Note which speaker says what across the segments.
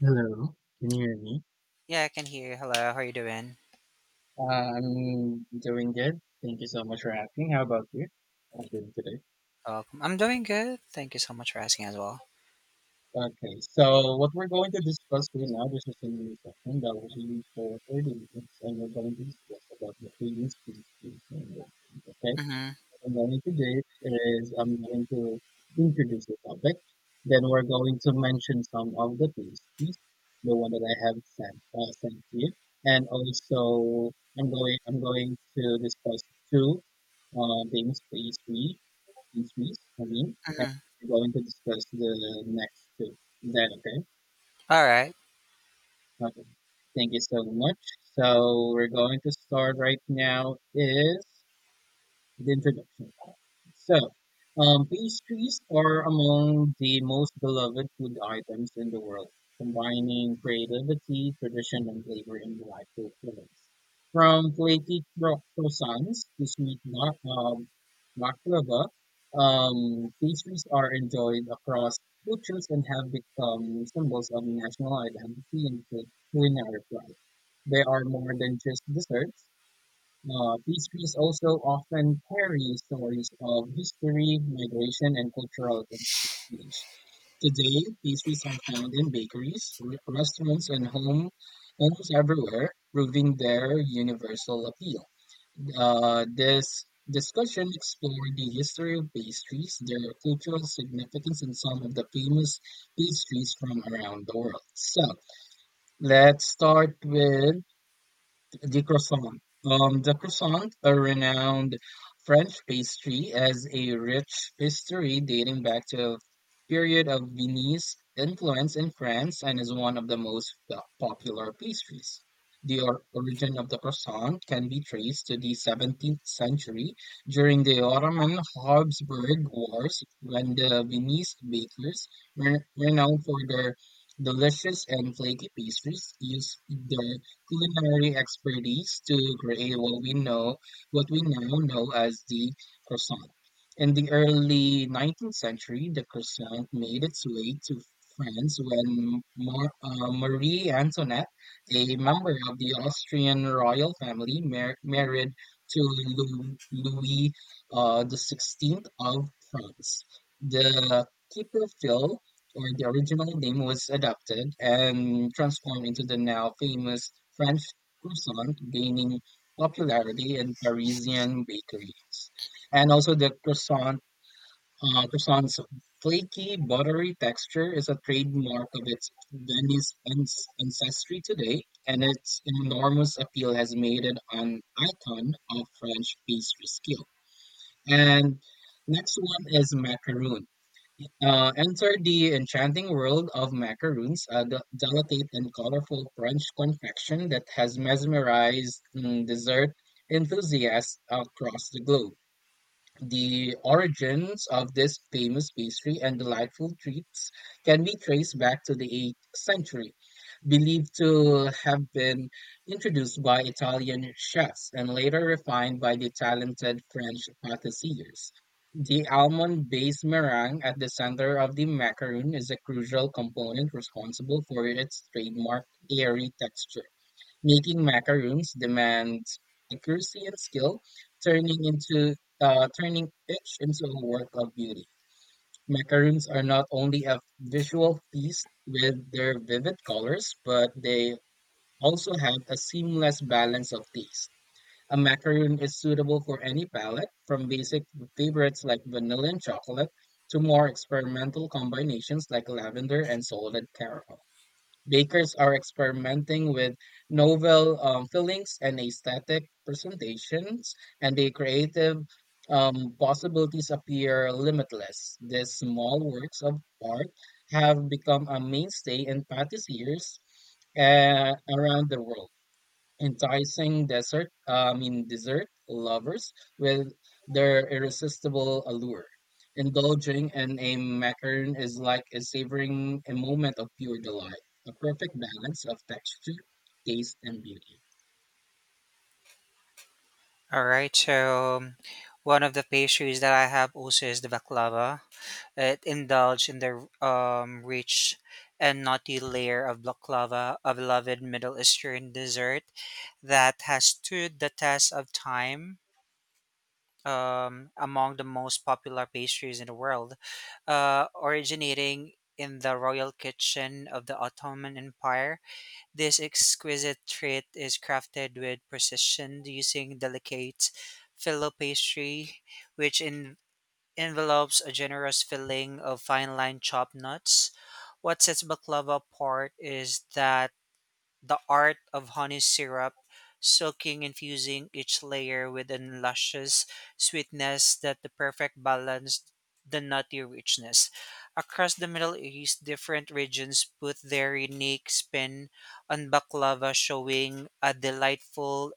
Speaker 1: Hello, can you hear me?
Speaker 2: Yeah, I can hear you. Hello, how are you doing?
Speaker 1: Uh, I'm doing good. Thank you so much for asking. How about you? I'm doing today.
Speaker 2: Welcome. I'm doing good. Thank you so much for asking as well.
Speaker 1: Okay, so what we're going to discuss right now, this is a new session that will be for 30 minutes, and we're going to discuss about the feelings, peace space in the okay.
Speaker 2: Mm-hmm.
Speaker 1: I'm going to do is I'm going to introduce the topic. Then we're going to mention some of the pastries, the one that I have sent sent you, and also I'm going to discuss two things pastry pastries. I mean, and
Speaker 2: Mm-hmm.
Speaker 1: we're going to discuss the next two. Is that okay?
Speaker 2: All right.
Speaker 1: Okay. Thank you so much. So we're going to start right now. Is the introduction. So, pastries are among the most beloved food items in the world, combining creativity, tradition, and flavor in delightful flavors. From flaky croissants to sweet baklava, pastries are enjoyed across cultures and have become symbols of national identity and culinary pride. They are more than just desserts. Pastries also often carry stories of history, migration, and cultural exchange. Today, pastries are found in bakeries, restaurants, and homes everywhere, proving their universal appeal. This discussion explored the history of pastries, their cultural significance, and some of the famous pastries from around the world. So, let's start with the croissant. The croissant, a renowned French pastry, has a rich history dating back to a period of Viennese influence in France and is one of the most popular pastries. The origin of the croissant can be traced to the 17th century during the Ottoman Habsburg Wars when the Viennese bakers were renowned for their delicious and flaky pastries used their culinary expertise to create what we now know as the croissant. In the early 19th century, the croissant made its way to France when Marie Antoinette, a member of the Austrian royal family, married to Louis the 16th of France. The keeper Phil or the original name was adopted and transformed into the now famous French croissant, gaining popularity in Parisian bakeries. And also croissant's flaky, buttery texture is a trademark of its Venice ancestry today, and its enormous appeal has made it an icon of French pastry skill. And next one is macaroon. Enter the enchanting world of macaroons, a delicate and colorful French confection that has mesmerized dessert enthusiasts across the globe. The origins of this famous pastry and delightful treats can be traced back to the 8th century, believed to have been introduced by Italian chefs and later refined by the talented French pâtissiers. The almond-based meringue at the center of the macaroon is a crucial component responsible for its trademark airy texture. Making macaroons demands accuracy and skill, turning each into a work of beauty. Macaroons are not only a visual feast with their vivid colors, but they also have a seamless balance of taste. A macaroon is suitable for any palate, from basic favorites like vanilla and chocolate to more experimental combinations like lavender and salted caramel. Bakers are experimenting with novel fillings and aesthetic presentations, and the creative possibilities appear limitless. These small works of art have become a mainstay in patisseries around the world enticing desert, I mean dessert lovers with their irresistible allure. Indulging in a macaron is like a savoring a moment of pure delight, a perfect balance of texture, taste, and beauty.
Speaker 2: All right. So, one of the pastries that I have also is the baklava. It indulges in the rich and nutty layer of baklava, a beloved Middle Eastern dessert that has stood the test of time among the most popular pastries in the world, originating in the royal kitchen of the Ottoman Empire. This exquisite treat is crafted with precision using delicate filo pastry, which envelopes a generous filling of fine-line chopped nuts. What sets baklava apart is that the art of honey syrup, soaking infusing each layer with a luscious sweetness that the perfect balance the nutty richness. Across the Middle East, different regions put their unique spin on baklava, showing a delightful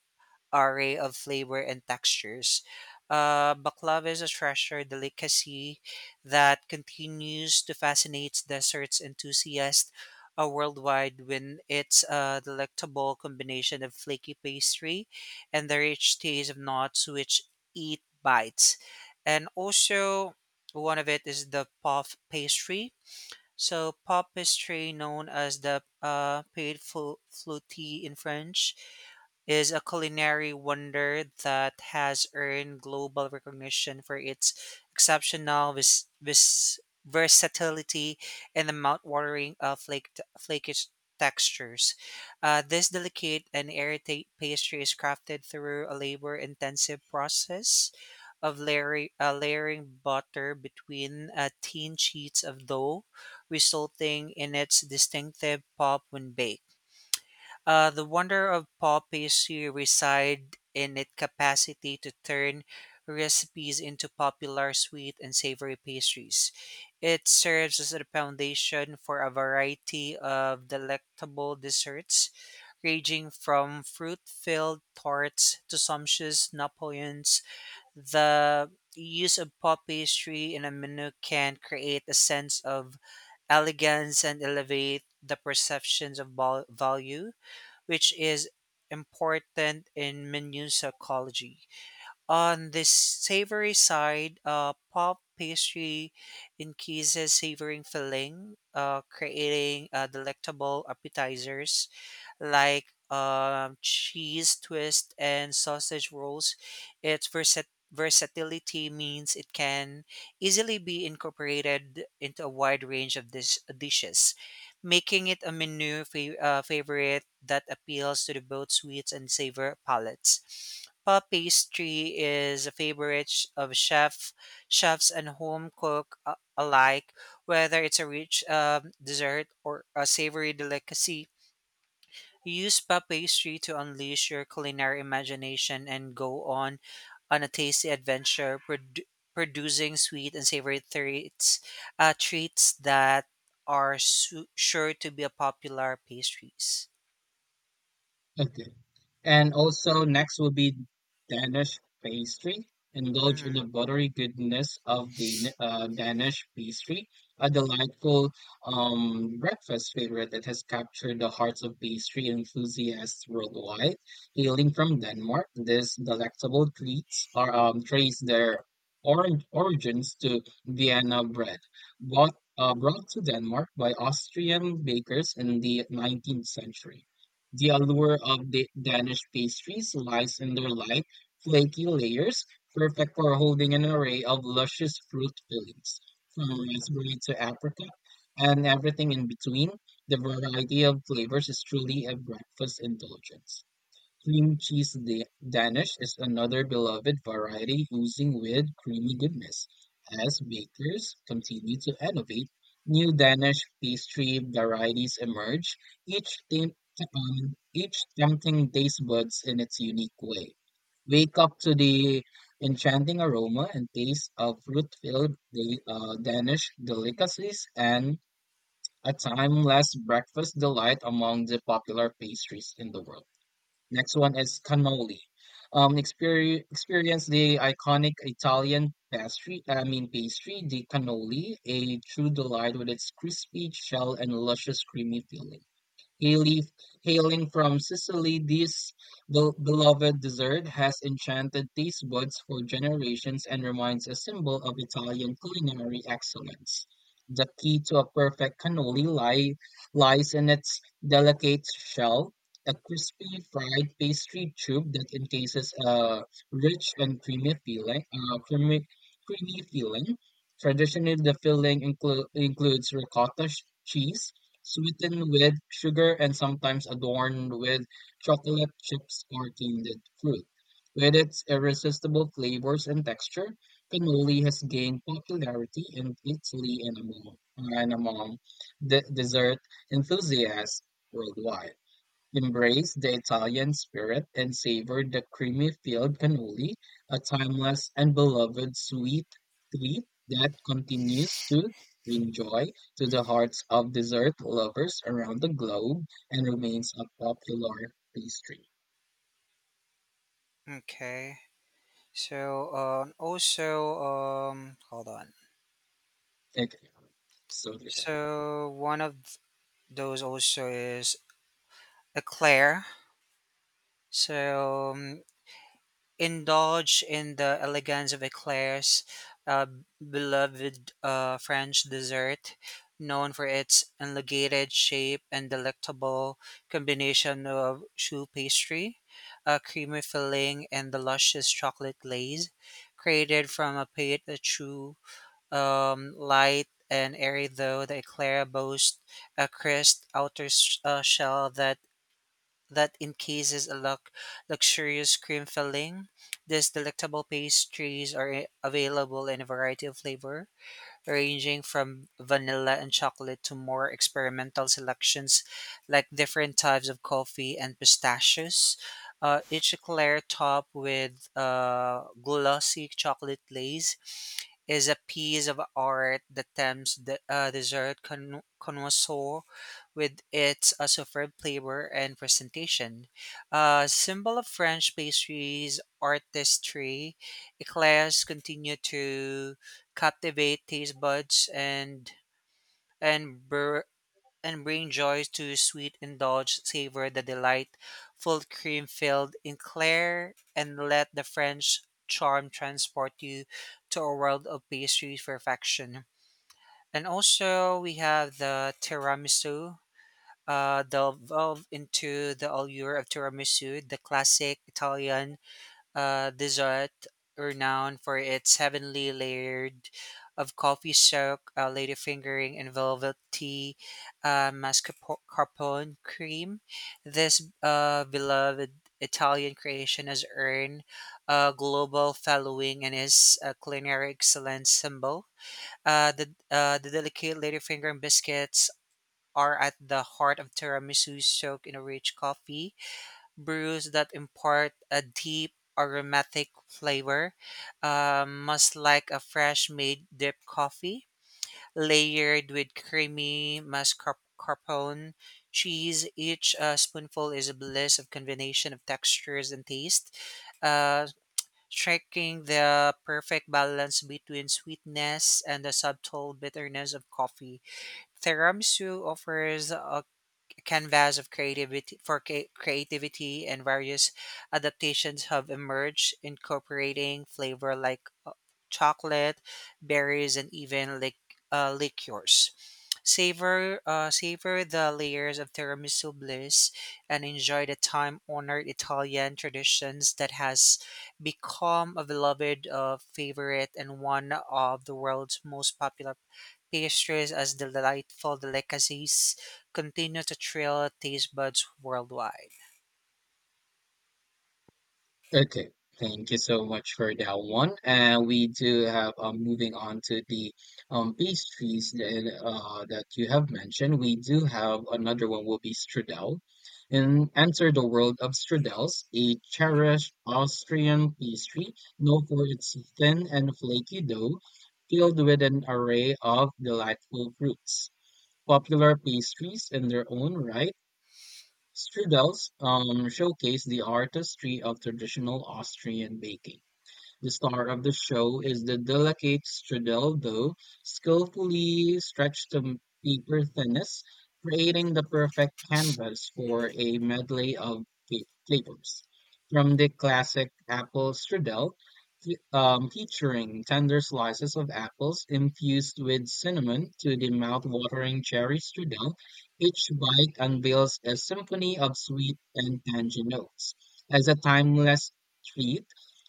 Speaker 2: array of flavor and textures. Baklava is a treasure delicacy that continues to fascinate desserts enthusiasts worldwide when its delectable combination of flaky pastry and the rich taste of nuts which eat bites. And also, one of it is the puff pastry. So, puff pastry, known as the paid flûte in French, is a culinary wonder that has earned global recognition for its exceptional versatility and the mouth-watering flake flakish textures. This delicate and airtight pastry is crafted through a labor-intensive process of layering butter between thin sheets of dough, resulting in its distinctive pop when baked. The wonder of pop pastry reside in its capacity to turn recipes into popular sweet and savory pastries. It serves as a foundation for a variety of delectable desserts, ranging from fruit-filled tarts to sumptuous Napoleons. The use of pop pastry in a menu can create a sense of elegance and elevate the perceptions of value, which is important in minune psychology. On the savory side, puff pastry increases savory filling, creating delectable appetizers like cheese twist and sausage rolls. Its versatility means it can easily be incorporated into a wide range of dishes, making it a menu favorite that appeals to the both sweets and savor palates. Puff pastry is a favorite of chefs and home cook alike, whether it's a rich dessert or a savory delicacy. Use puff pastry to unleash your culinary imagination and go on a tasty adventure, producing sweet and savory treats, that are sure to be a popular pastries.
Speaker 1: Okay. And also next will be Danish pastry. Indulge
Speaker 2: Mhm.
Speaker 1: in the buttery goodness of the Danish pastry, a delightful breakfast favorite that has captured the hearts of pastry enthusiasts worldwide. Hailing from Denmark, these delectable treats are trace their origins to Vienna bread, brought to Denmark by Austrian bakers in the 19th century. The allure of Danish pastries lies in their light, flaky layers, perfect for holding an array of luscious fruit fillings, from raspberry to apricot, and everything in between. The variety of flavors is truly a breakfast indulgence. Cream cheese Danish is another beloved variety oozing with creamy goodness. As bakers continue to innovate, new Danish pastry varieties emerge, each, tem- each tempting taste buds in its unique way. Wake up to the enchanting aroma and taste of fruit-filled Danish delicacies and a timeless breakfast delight among the popular pastries in the world. Next one is cannoli. Experience the iconic Italian pastry, I mean pastry, the cannoli, a true delight with its crispy shell and luscious creamy filling. Hail- Hailing from Sicily, this beloved dessert has enchanted taste buds for generations and remains a symbol of Italian culinary excellence. The key to a perfect cannoli lie, lies in its delicate shell, a crispy fried pastry tube that encases a rich and creamy filling. Traditionally, the filling includes ricotta cheese, sweetened with sugar and sometimes adorned with chocolate chips or candied fruit. With its irresistible flavors and texture, cannoli has gained popularity in and among dessert enthusiasts worldwide. Embrace the Italian spirit and savor the creamy filled cannoli, a timeless and beloved sweet treat that continues to bring joy to the hearts of dessert lovers around the globe and remains a popular pastry.
Speaker 2: Okay. So also hold on.
Speaker 1: Okay, so divine.
Speaker 2: So one of those also is eclair. So indulge in the elegance of eclairs, a beloved French dessert known for its elongated shape and delectable combination of choux pastry, a creamy filling, and the luscious chocolate glaze created from a pate de choux, light and airy, though the eclair boasts a crisp outer shell that encases a luxurious cream filling. These delectable pastries are available in a variety of flavor, ranging from vanilla and chocolate to more experimental selections like different types of coffee and pistachios. Each eclair topped with glossy chocolate glaze is a piece of art that tempts the dessert connoisseur with its superb flavor and presentation. A symbol of French pastries artistry, eclairs continue to captivate taste buds and and bring joys to your sweet indulge savor the delight full cream filled in clair, and let the French charm transport you to a world of pastry perfection. And also we have the tiramisu. Delve into the allure of tiramisu, the classic Italian dessert renowned for its heavenly layered of coffee silk, lady fingering, and velvety mascarpone cream. This beloved Italian creation has earned a global following and is a culinary excellence symbol. The the delicate lady fingering biscuits are at the heart of tiramisu, soaked in a rich coffee brews that impart a deep aromatic flavor, much like a fresh made drip coffee, layered with creamy mascarpone cheese. Each spoonful is a bliss of combination of textures and taste, uh, striking the perfect balance between sweetness and the subtle bitterness of coffee. Tiramisu offers a canvas of creativity for creativity, and various adaptations have emerged incorporating flavor like chocolate berries and even liqueurs. Savor savor the layers of tiramisu bliss and enjoy the time-honored Italian traditions that has become a beloved favorite and one of the world's most popular pastries as delightful delicacies continue to thrill taste buds worldwide.
Speaker 1: Okay, thank you so much for that one. And we do have moving on to the pastries that that you have mentioned. We do have another one will be strudel. And enter the world of strudels, a cherished Austrian pastry known for its thin and flaky dough, filled with an array of delightful fruits. Popular pastries in their own right Strudels showcase the artistry of traditional Austrian baking. The star of the show is the delicate Stradivarius, skillfully stretched to paper thinness, creating the perfect canvas for a medley of flavors. From the classic apple Stradivarius, featuring tender slices of apples infused with cinnamon to the mouth-watering cherry strudel, each bite unveils a symphony of sweet and tangy notes. As a timeless treat,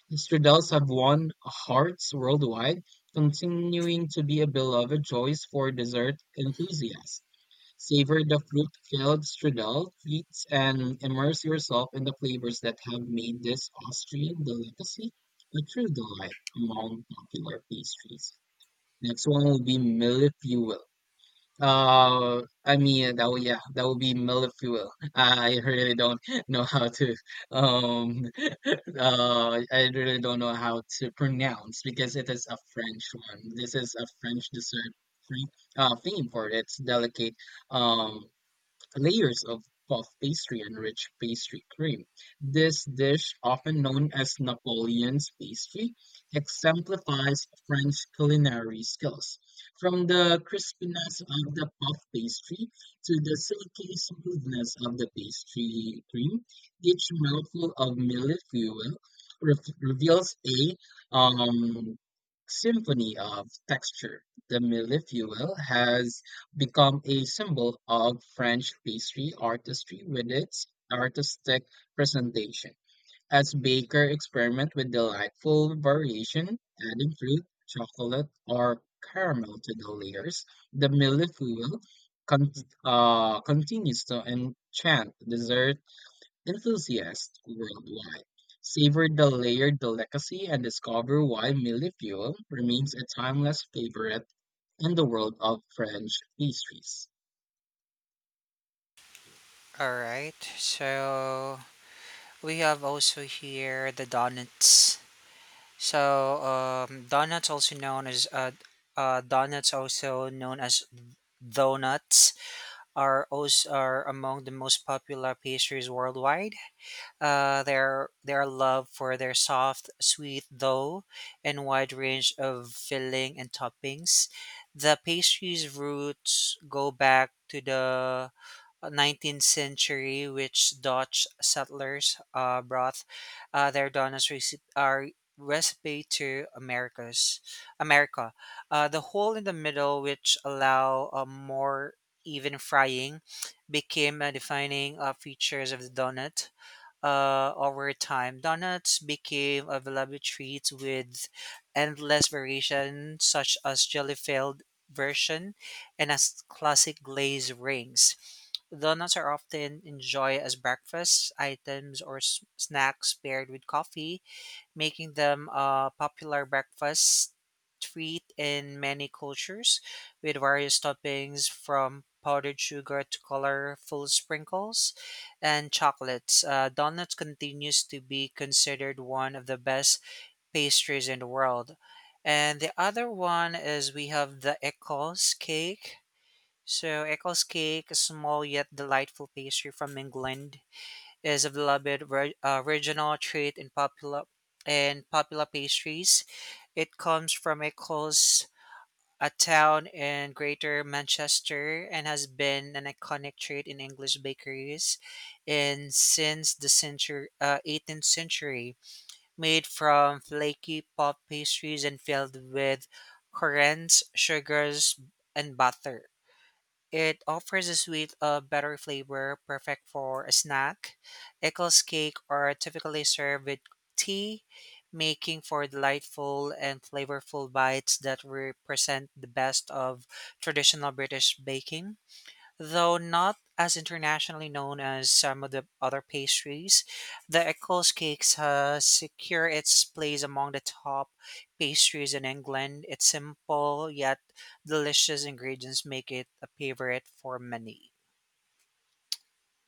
Speaker 1: the Strudels have won hearts worldwide, continuing to be a beloved choice for dessert enthusiasts. Savor the fruit-filled strudel treats and immerse yourself in the flavors that have made this Austrian delicacy a true delight among popular pastries. Next one will be Millefeuille. That would yeah, that would be millet fuel. I really don't know how to um I really don't know how to pronounce because it is a French one. This is a French dessert free- theme for its delicate um layers of puff pastry and rich pastry cream. This dish, often known as Napoleon's pastry, exemplifies French culinary skills. From the crispiness of the puff pastry to the silky smoothness of the pastry cream, each mouthful of millet fuel re- reveals a symphony of texture. The millefeuille has become a symbol of French pastry artistry with its artistic presentation, as bakers experiment with delightful variation, adding fruit, chocolate, or caramel to the layers. The millefeuille con- continues to enchant dessert enthusiasts worldwide. Savor the layered delicacy and discover why millefeuille remains a timeless favorite in the world of French pastries.
Speaker 2: All right, so we have also here the donuts. So donuts, also known as donuts, also known as donuts, are also are among the most popular pastries worldwide. Their love for their soft, sweet dough and wide range of filling and toppings. The pastry's roots go back to the 19th century, which Dutch settlers brought their donuts recipe to America. The hole in the middle, which allow a more even frying, became a defining features of the donut. Over time, donuts became a beloved treat with endless variation, such as jelly-filled version and as classic glazed rings. Donuts are often enjoyed as breakfast items or snacks paired with coffee, making them a popular breakfast treat in many cultures, with various toppings from powdered sugar to colorful sprinkles and chocolates. Donuts continues to be considered one of the best pastries in the world. And the other one is we have the Eccles cake. So Eccles cake, a small yet delightful pastry from England, is a beloved regional treat in popular pastries. It comes from Eccles, a town in Greater Manchester, and has been an iconic treat in English bakeries, and since 18th century, made from flaky puff pastries and filled with currants, sugars, and butter. It offers a suite of buttery flavor, perfect for a snack. Eccles cake are typically served with tea, making for delightful and flavorful bites that represent the best of traditional British baking. Though not as internationally known as some of the other pastries, the Eccles cakes has secure its place among the top pastries in England. Its simple yet delicious ingredients make it a favorite for many.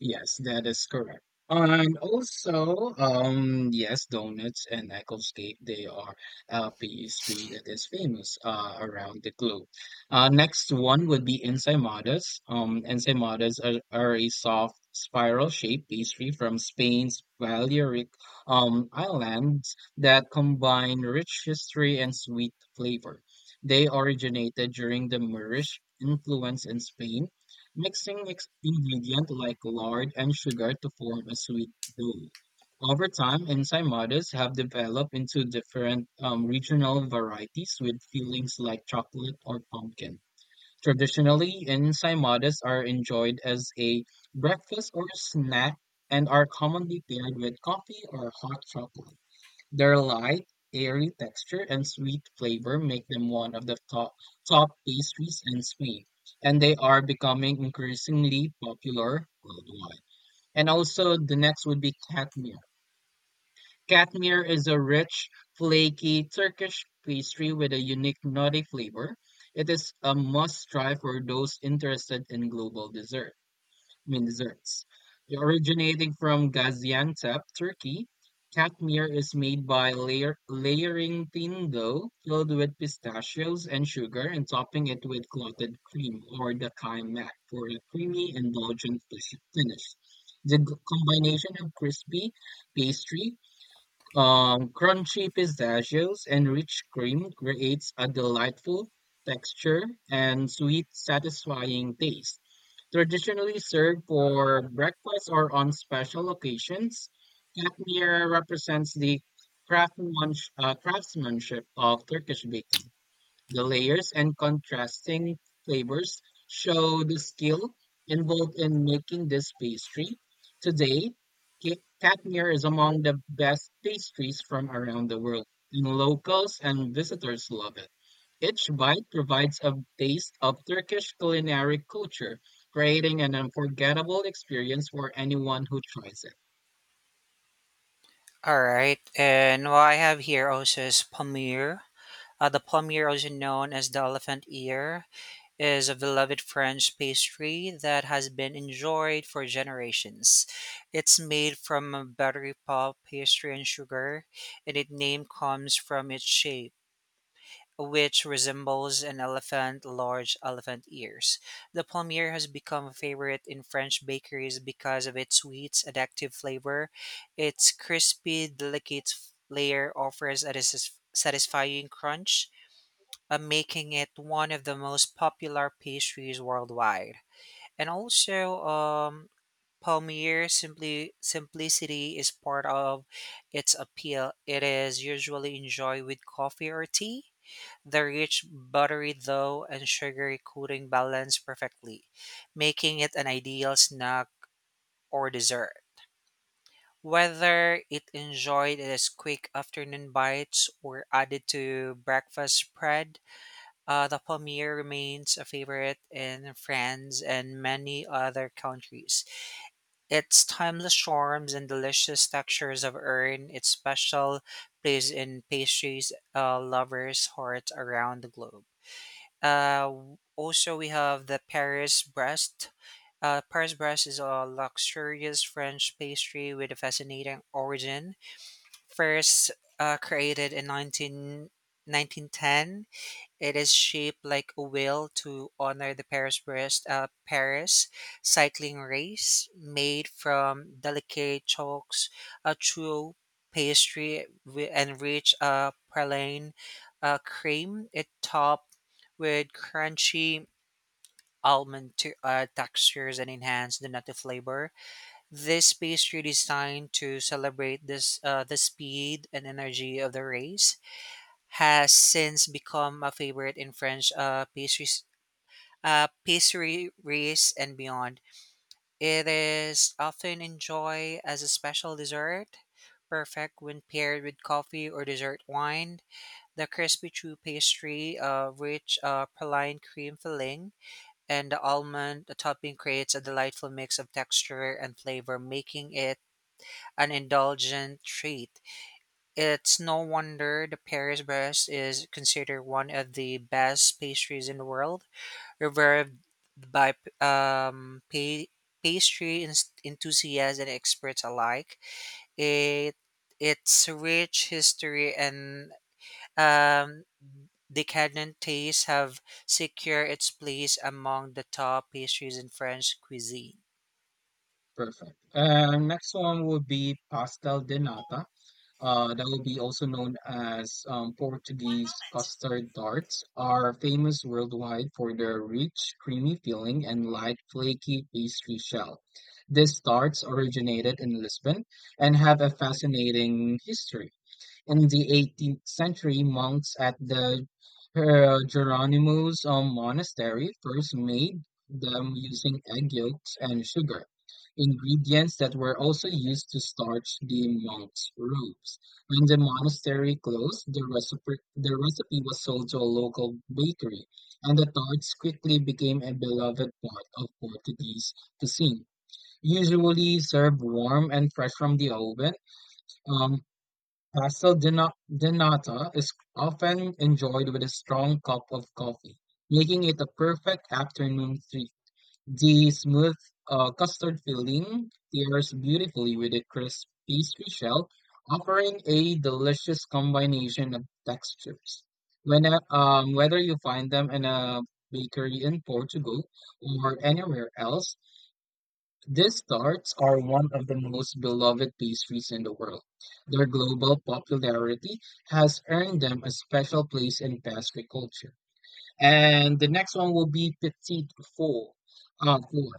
Speaker 1: Yes, that is correct. And also, yes, donuts and Eccles Cake, they are a pastry that is famous around the globe. Next one would be ensaimadas. Are a soft spiral-shaped pastry from Spain's Balearic Islands that combine rich history and sweet flavor. They originated during the Moorish influence in Spain mixing ingredients like lard and sugar to form a sweet dough. Over time, ensaimadas have developed into different regional varieties with fillings like chocolate or pumpkin. Traditionally, ensaimadas are enjoyed as a breakfast or snack and are commonly paired with coffee or hot chocolate. Their light, airy texture and sweet flavor make them one of the top pastries in Sweden, and they are becoming increasingly popular worldwide. And also, the next would be katmer. Katmer is a rich, flaky Turkish pastry with a unique nutty flavor. It is a must try for those interested in global desserts. Originating from Gaziantep, Turkey, katmir is made by layering thin dough filled with pistachios and sugar and topping it with clotted cream or dakai mat for a creamy, indulgent finish. The combination of crispy pastry crunchy pistachios and rich cream creates a delightful texture and sweet, satisfying taste. Traditionally served for breakfast or on special occasions, Katmir represents the craftsmanship of Turkish baking. The layers and contrasting flavors show the skill involved in making this pastry. Today, Katmir is among the best pastries from around the world, and locals and visitors love it. Each bite provides a taste of Turkish culinary culture, creating an unforgettable experience for anyone who tries it.
Speaker 2: All right, and what I have here also is palmier. The palmier, also known as the elephant ear, is a beloved French pastry that has been enjoyed for generations. It's made from a buttery pulp, pastry, and sugar, and its name comes from its shape, which resembles an elephant, large elephant ears. The palmier has become a favorite in French bakeries because of its sweet, addictive flavor. Its crispy, delicate layer offers a satisfying crunch, making it one of the most popular pastries worldwide. And also, Palmier simply simplicity is part of its appeal. It is usually enjoyed with coffee or tea. The rich, buttery dough and sugary coating balance perfectly, making it an ideal snack or dessert. Whether it enjoyed as quick afternoon bites or added to breakfast spread, the paneer remains a favorite in France and many other countries. Its timeless charms and delicious textures have earned its special place in pastries lovers' hearts around the globe. Also, we have the Paris breast. Paris breast is a luxurious French pastry with a fascinating origin. First, created in 1910. It is shaped like a wheel to honor the Paris Paris cycling race, made from delicate chalks, a true pastry, and rich praline cream. It topped with crunchy almond textures and enhance the nutty flavor. This pastry designed to celebrate this the speed and energy of the race has since become a favorite in French pastries and beyond. It is often enjoyed as a special dessert, perfect when paired with coffee or dessert wine. The crispy true pastry, rich praline cream filling, and the almond topping creates a delightful mix of texture and flavor, making it an indulgent treat. It's no wonder the Paris Brest is considered one of the best pastries in the world, revered by um, pa- pastry enthusiasts and experts alike. It Its rich history and um, decadent taste have secured its place among the top pastries in French cuisine.
Speaker 1: Perfect. Next one would be pastel de nata. That will be also known as Portuguese custard tarts, are famous worldwide for their rich, creamy filling and light, flaky pastry shell. These tarts originated in Lisbon and have a fascinating history. In the 18th century, monks at the Geronimo's monastery first made them using egg yolks and sugar, ingredients that were also used to starch the monks' robes. When the monastery closed, the recipe was sold to a local bakery, and the tarts quickly became a beloved part of Portuguese cuisine. Usually served warm and fresh from the oven, um, Pastel denata is often enjoyed with a strong cup of coffee, making it a perfect afternoon treat. The smooth custard filling pairs beautifully with a crisp pastry shell, offering a delicious combination of textures. Whether you find them in a bakery in Portugal or anywhere else, these tarts are one of the most beloved pastries in the world. Their global popularity has earned them a special place in pastry culture. And the next one will be petite four. Four.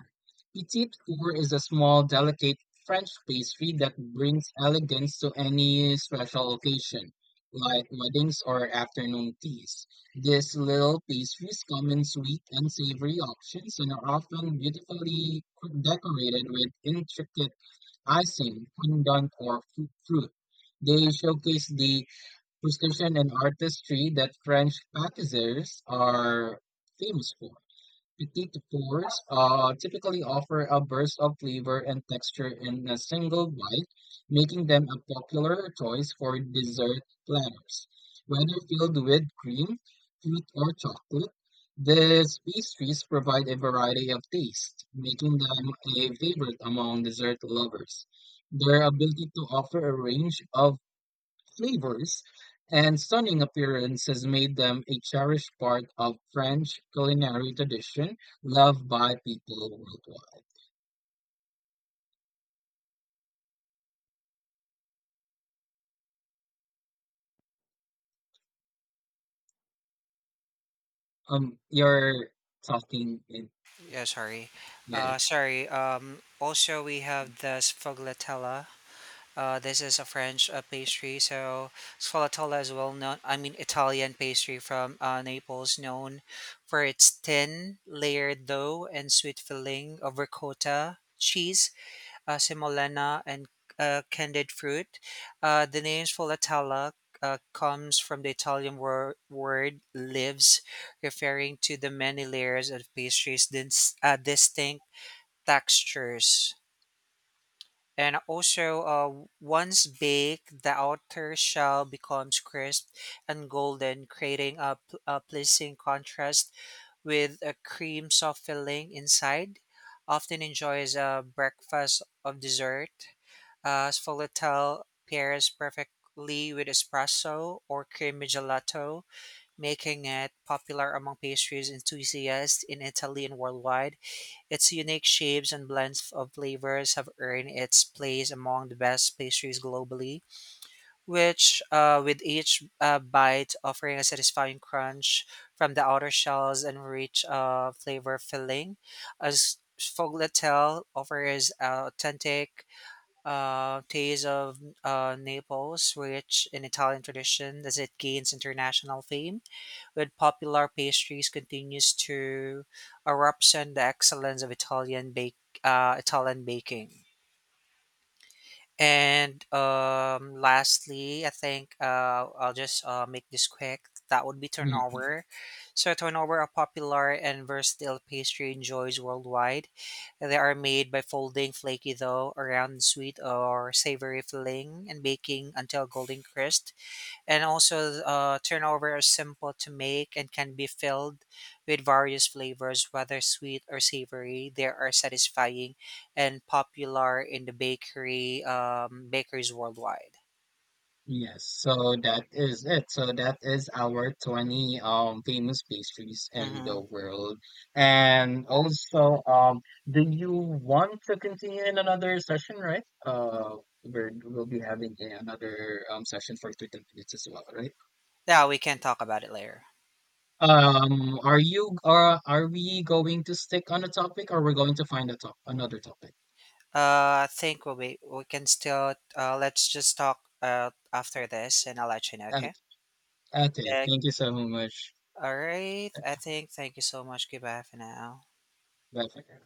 Speaker 1: Petite four is a small, delicate French pastry that brings elegance to any special occasion, like weddings or afternoon teas. These little pastries come in sweet and savory options and are often beautifully decorated with intricate icing, fondant, or fruit. They showcase the precision and artistry that French pâtisseries are famous for. Petite fours typically offer a burst of flavor and texture in a single bite, making them a popular choice for dessert platters. Whether filled with cream, fruit, or chocolate, these pastries provide a variety of tastes, making them a favorite among dessert lovers. Their ability to offer a range of flavors and stunning appearances made them a cherished part of French culinary tradition loved by people worldwide. You're talking in
Speaker 2: Yeah, sorry.
Speaker 1: yeah.
Speaker 2: Sorry. Also, we have the sfogliatella. This is a French pastry, so sfolatella is well known. I mean, Italian pastry from Naples, known for its thin, layered dough and sweet filling of ricotta, cheese, semolina, and candied fruit. The name sfolatella comes from the Italian word "lives," referring to the many layers of pastries' distinct textures. And also, once baked, the outer shell becomes crisp and golden, creating a pleasing contrast with a cream soft filling inside. Often enjoyed as a breakfast of dessert. Sfogliatelle pairs perfectly with espresso or creamy gelato, making it popular among pastries enthusiasts in Italy and worldwide. Its unique shapes and blends of flavors have earned its place among the best pastries globally, which, with each bite offering a satisfying crunch from the outer shells and rich flavor filling. As Sfogliatel offers an authentic taste of Naples, rich in Italian tradition as it gains international fame with popular pastries continues to represent the excellence of Italian baking. And lastly, I think I'll just make this quick. That would be
Speaker 1: Mhm,
Speaker 2: turnover. So turnover, a popular and versatile pastry, enjoys worldwide. They are made by folding flaky dough around sweet or savory filling and baking until golden crisp, and also turnover are simple to make and can be filled with various flavors, whether sweet or savory, they are satisfying and popular in the bakery bakeries worldwide.
Speaker 1: yes, so that is it. So that is our 20 famous pastries in the
Speaker 2: Mm-hmm.
Speaker 1: world. And also do you want to continue in another session, right? We'll be having another session for 30 minutes as well, right?
Speaker 2: Yeah, we can talk about it later.
Speaker 1: Are you are we going to stick on a topic or we're going to find a top another topic?
Speaker 2: I think we can still let's just talk after this, and I'll let you know,
Speaker 1: Okay,
Speaker 2: okay.
Speaker 1: okay,
Speaker 2: Yeah.
Speaker 1: thank you so much.
Speaker 2: All right. I think Thank you so much, goodbye for now.
Speaker 1: Bye for now.